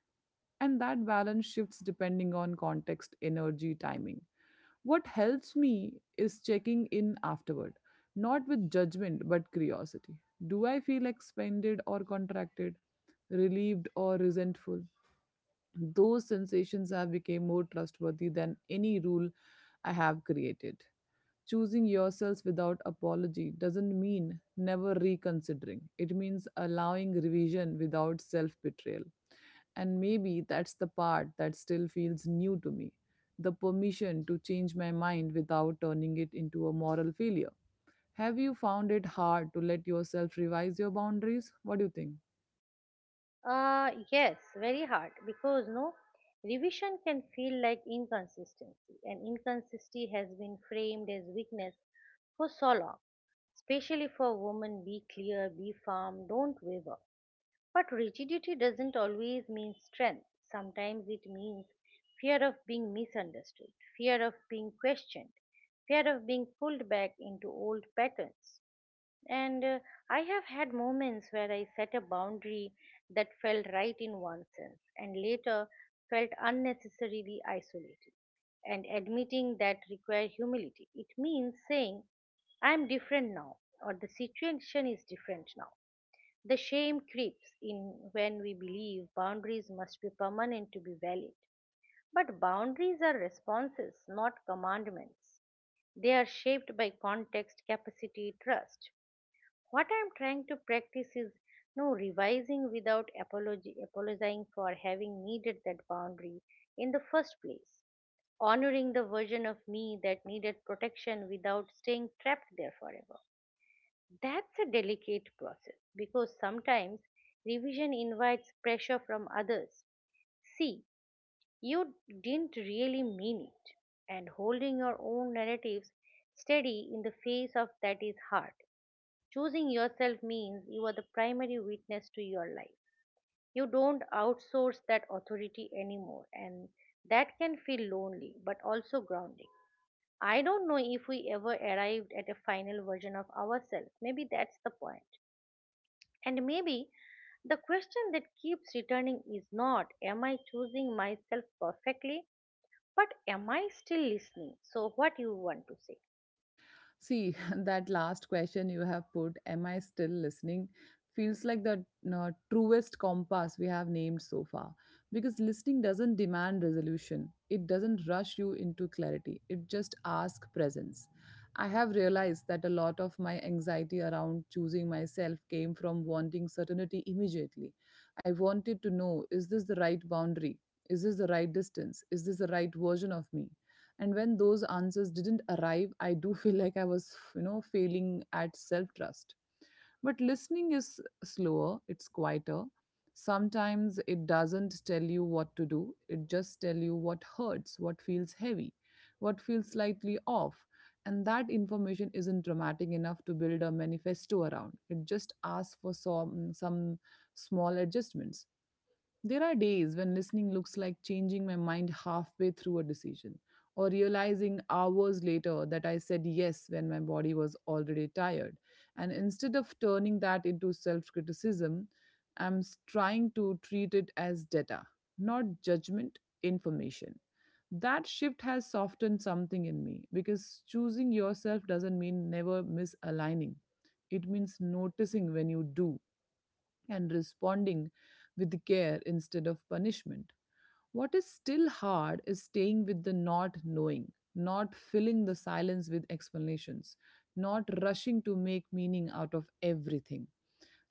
Speaker 2: And that balance shifts depending on context, energy, timing. What helps me is checking in afterward, not with judgment but curiosity. Do I feel expanded or contracted, relieved or resentful? Those sensations have become more trustworthy than any rule I have created. Choosing yourselves without apology doesn't mean never reconsidering. It means allowing revision without self betrayal. And maybe that's the part that still feels new to me, the permission to change my mind without turning it into a moral failure. Have you found it hard to let yourself revise your boundaries? What do you think?
Speaker 1: Yes, very hard because no revision can feel like inconsistency, and inconsistency has been framed as weakness for so long. Especially for a woman, be clear, be firm, don't waver. But rigidity doesn't always mean strength. Sometimes it means fear of being misunderstood, fear of being questioned, fear of being pulled back into old patterns. And I have had moments where I set a boundary that felt right in one sense and later felt unnecessarily isolated. And admitting that requires humility. It means saying, I am different now, or the situation is different now. The shame creeps in when we believe boundaries must be permanent to be valid. But boundaries are responses, not commandments. They are shaped by context, capacity, trust. What I am trying to practice is no revising without apology, apologizing for having needed that boundary in the first place, honoring the version of me that needed protection without staying trapped there forever. That's a delicate process because sometimes revision invites pressure from others. See, you didn't really mean it, and holding your own narratives steady in the face of that is hard. Choosing yourself means you are the primary witness to your life. You don't outsource that authority anymore, and that can feel lonely but also grounding. I don't know if we ever arrived at a final version of ourselves. Maybe that's the point. And maybe the question that keeps returning is not, am I choosing myself perfectly? But am I still listening? So, what you want to say?
Speaker 2: See, that last question you have put, am I still listening? Feels like the truest compass we have named so far. Because listening doesn't demand resolution, it doesn't rush you into clarity, it just asks presence. I have realized that a lot of my anxiety around choosing myself came from wanting certainty immediately. I wanted to know, is this the right boundary? Is this the right distance? Is this the right version of me? And when those answers didn't arrive, I do feel like I was failing at self trust. But listening is slower, it's quieter. Sometimes it doesn't tell you what to do, it just tell you what hurts, what feels heavy, what feels slightly off. And that information isn't dramatic enough to build a manifesto around, it just asks for some small adjustments. There are days when listening looks like changing my mind halfway through a decision or realizing hours later that I said yes when my body was already tired. And instead of turning that into self criticism, trying to treat it as data, not judgment, information. That shift has softened something in me because choosing yourself doesn't mean never misaligning. It means noticing when you do and responding with care instead of punishment. What is still hard is staying with the not knowing, not filling the silence with explanations, not rushing to make meaning out of everything.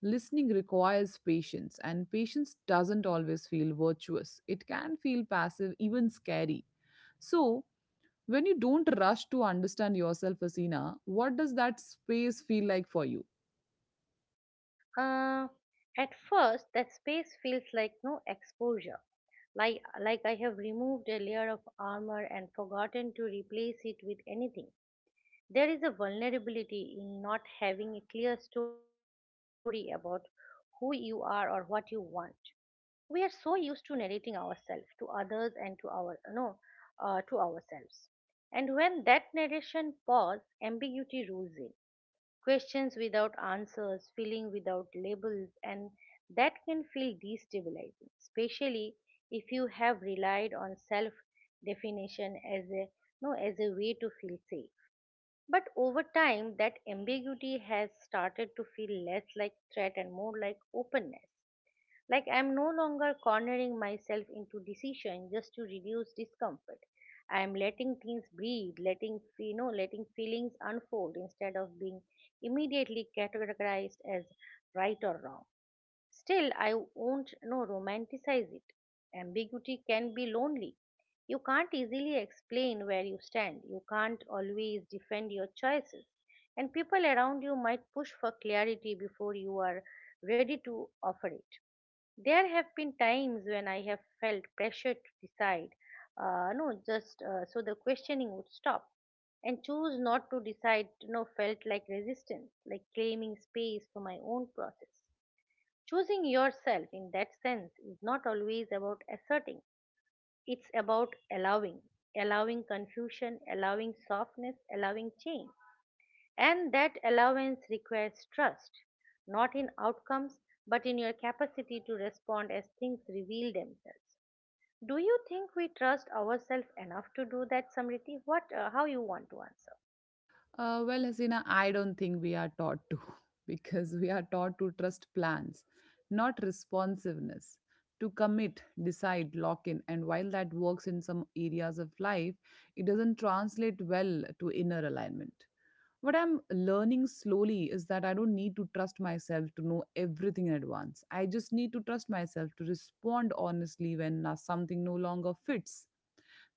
Speaker 2: Listening requires patience, and patience doesn't always feel virtuous. It can feel passive, even scary. So, when you don't rush to understand yourself, Asina, what does that space feel like for you?
Speaker 1: Uh, at first, that space feels like no exposure, like I have removed a layer of armor and forgotten to replace it with anything. There is a vulnerability in not having a clear story about who you are or what you want. We are so used to narrating ourselves to others and to our no to ourselves. And when that narration pause, ambiguity rules in questions without answers, feeling without labels, and that can feel destabilizing, especially if you have relied on self definition as a no as a way to feel safe. But over time that ambiguity has started to feel less like threat and more like openness. Like I'm no longer cornering myself into decision just to reduce discomfort. I'm letting things breathe, letting f- you know, letting feelings unfold instead of being immediately categorized as right or wrong. Still, I won't no romanticize it. Ambiguity can be lonely. You can't easily explain where you stand. You can't always defend your choices. And people around you might push for clarity before you are ready to offer it. There have been times when I have felt pressure to decide, no, just so the questioning would stop. And choose not to decide, felt like resistance, like claiming space for my own process. Choosing yourself in that sense is not always about asserting, it's about allowing, allowing confusion, allowing softness, allowing change. And that allowance requires trust, not in outcomes, but in your capacity to respond as things reveal themselves. Do you think we trust ourselves enough to do that, Samriti? What, how you want to answer?
Speaker 2: Well, Hasina, I don't think we are taught to because we are taught to trust plans, not responsiveness, to commit, decide, lock in. And while that works in some areas of life, it doesn't translate well to inner alignment. What I'm learning slowly is that I don't need to trust myself to know everything in advance. I just need to trust myself to respond honestly when something no longer fits.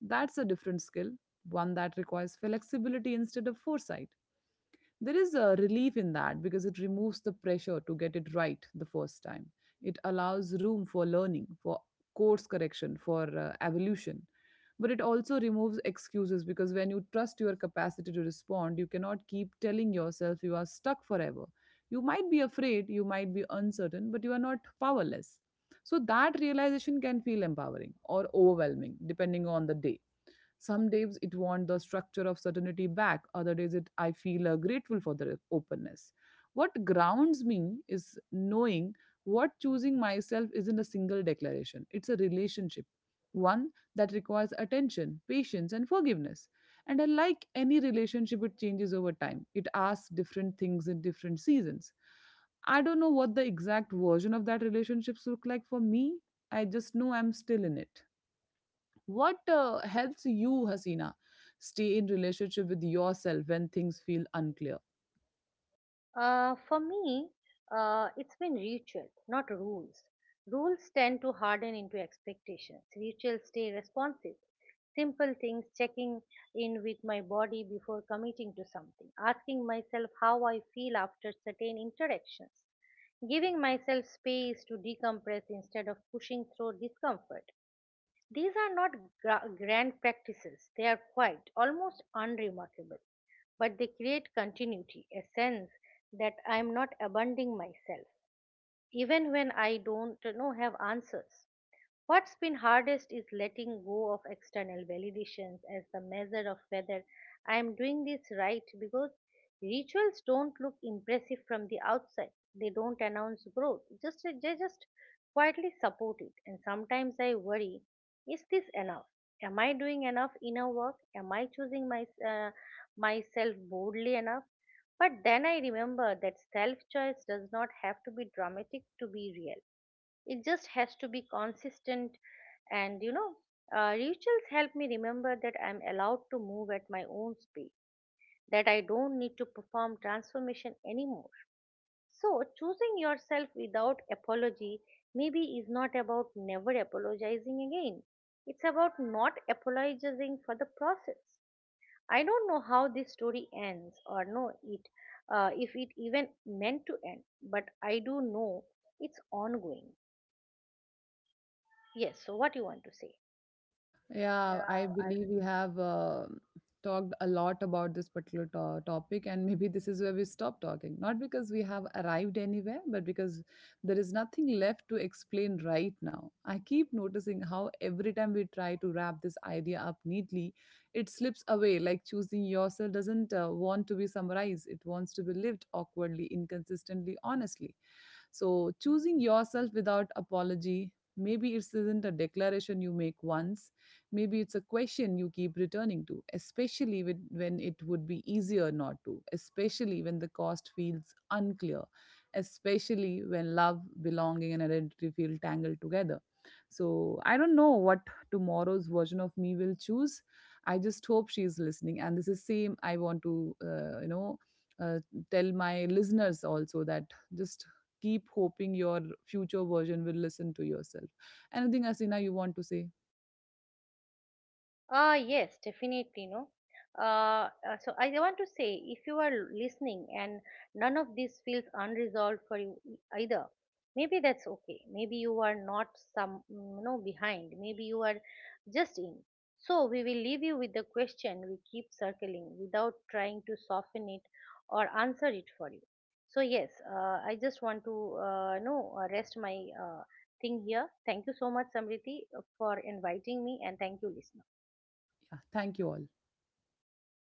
Speaker 2: That's a different skill, one that requires flexibility instead of foresight. There is a relief in that because it removes the pressure to get it right the first time. It allows room for learning, for course correction, for evolution. But it also removes excuses because when you trust your capacity to respond, you cannot keep telling yourself you are stuck forever. You might be afraid, you might be uncertain, but you are not powerless. So that realization can feel empowering or overwhelming depending on the day. Some days it wants the structure of certainty back, other days it I feel grateful for the openness. What grounds me is knowing what choosing myself isn't a single declaration, it's a relationship. One that requires attention, patience, and forgiveness. And unlike any relationship, it changes over time. It asks different things in different seasons. I don't know what the exact version of that relationships look like for me. I just know I'm still in it. What helps you, Hasina, stay in relationship with yourself when things feel unclear?
Speaker 1: For me, it's been ritual, not rules. Rules tend to harden into expectations. Rituals stay responsive. Simple things, checking in with my body before committing to something, asking myself how I feel after certain interactions, giving myself space to decompress instead of pushing through discomfort. These are not grand practices, they are quiet, almost unremarkable, but they create continuity, a sense that I am not abandoning myself even when I don't have answers. What's been hardest is letting go of external validations as the measure of whether I am doing this right because rituals don't look impressive from the outside. They don't announce growth. Just they just quietly support it. And sometimes I worry, is this enough? Am I doing enough inner work? Am I choosing my myself boldly enough? But then I remember that self choice does not have to be dramatic to be real. It just has to be consistent. And you know, Rituals help me remember that I'm allowed to move at my own speed, that I don't need to perform transformation anymore. So, choosing yourself without apology maybe is not about never apologizing again. It's about not apologizing for the process. I don't know how this story ends or know it if it even meant to end, but I do know it's ongoing. Yes, so what you want to say?
Speaker 2: Yeah, I believe we have talked a lot about this particular topic, and maybe this is where we stop talking. Not because we have arrived anywhere, but because there is nothing left to explain right now. I keep noticing how every time we try to wrap this idea up neatly, it slips away, like choosing yourself doesn't want to be summarized, it wants to be lived awkwardly, inconsistently, honestly. So, choosing yourself without apology, maybe it isn't a declaration you make once, maybe it's a question you keep returning to, especially with, when it would be easier not to, especially when the cost feels unclear, especially when love, belonging, and identity feel tangled together. So, I don't know what tomorrow's version of me will choose. I just hope she's listening. And this is same I want to, uh, tell my listeners also that just keep hoping your future version will listen to yourself. Anything, Asina, you want to say?
Speaker 1: Yes, definitely, no. So I want to say, if you are listening and none of this feels unresolved for you either, maybe that's okay. Maybe you are not some, mm, you know, behind. Maybe you are just in. So we will leave you with the question we keep circling without trying to soften it or answer it for you. So yes, I just want to, no, rest my thing here. Thank you so much, Samriti, for inviting me, and thank you, listener.
Speaker 2: Yeah, thank you all.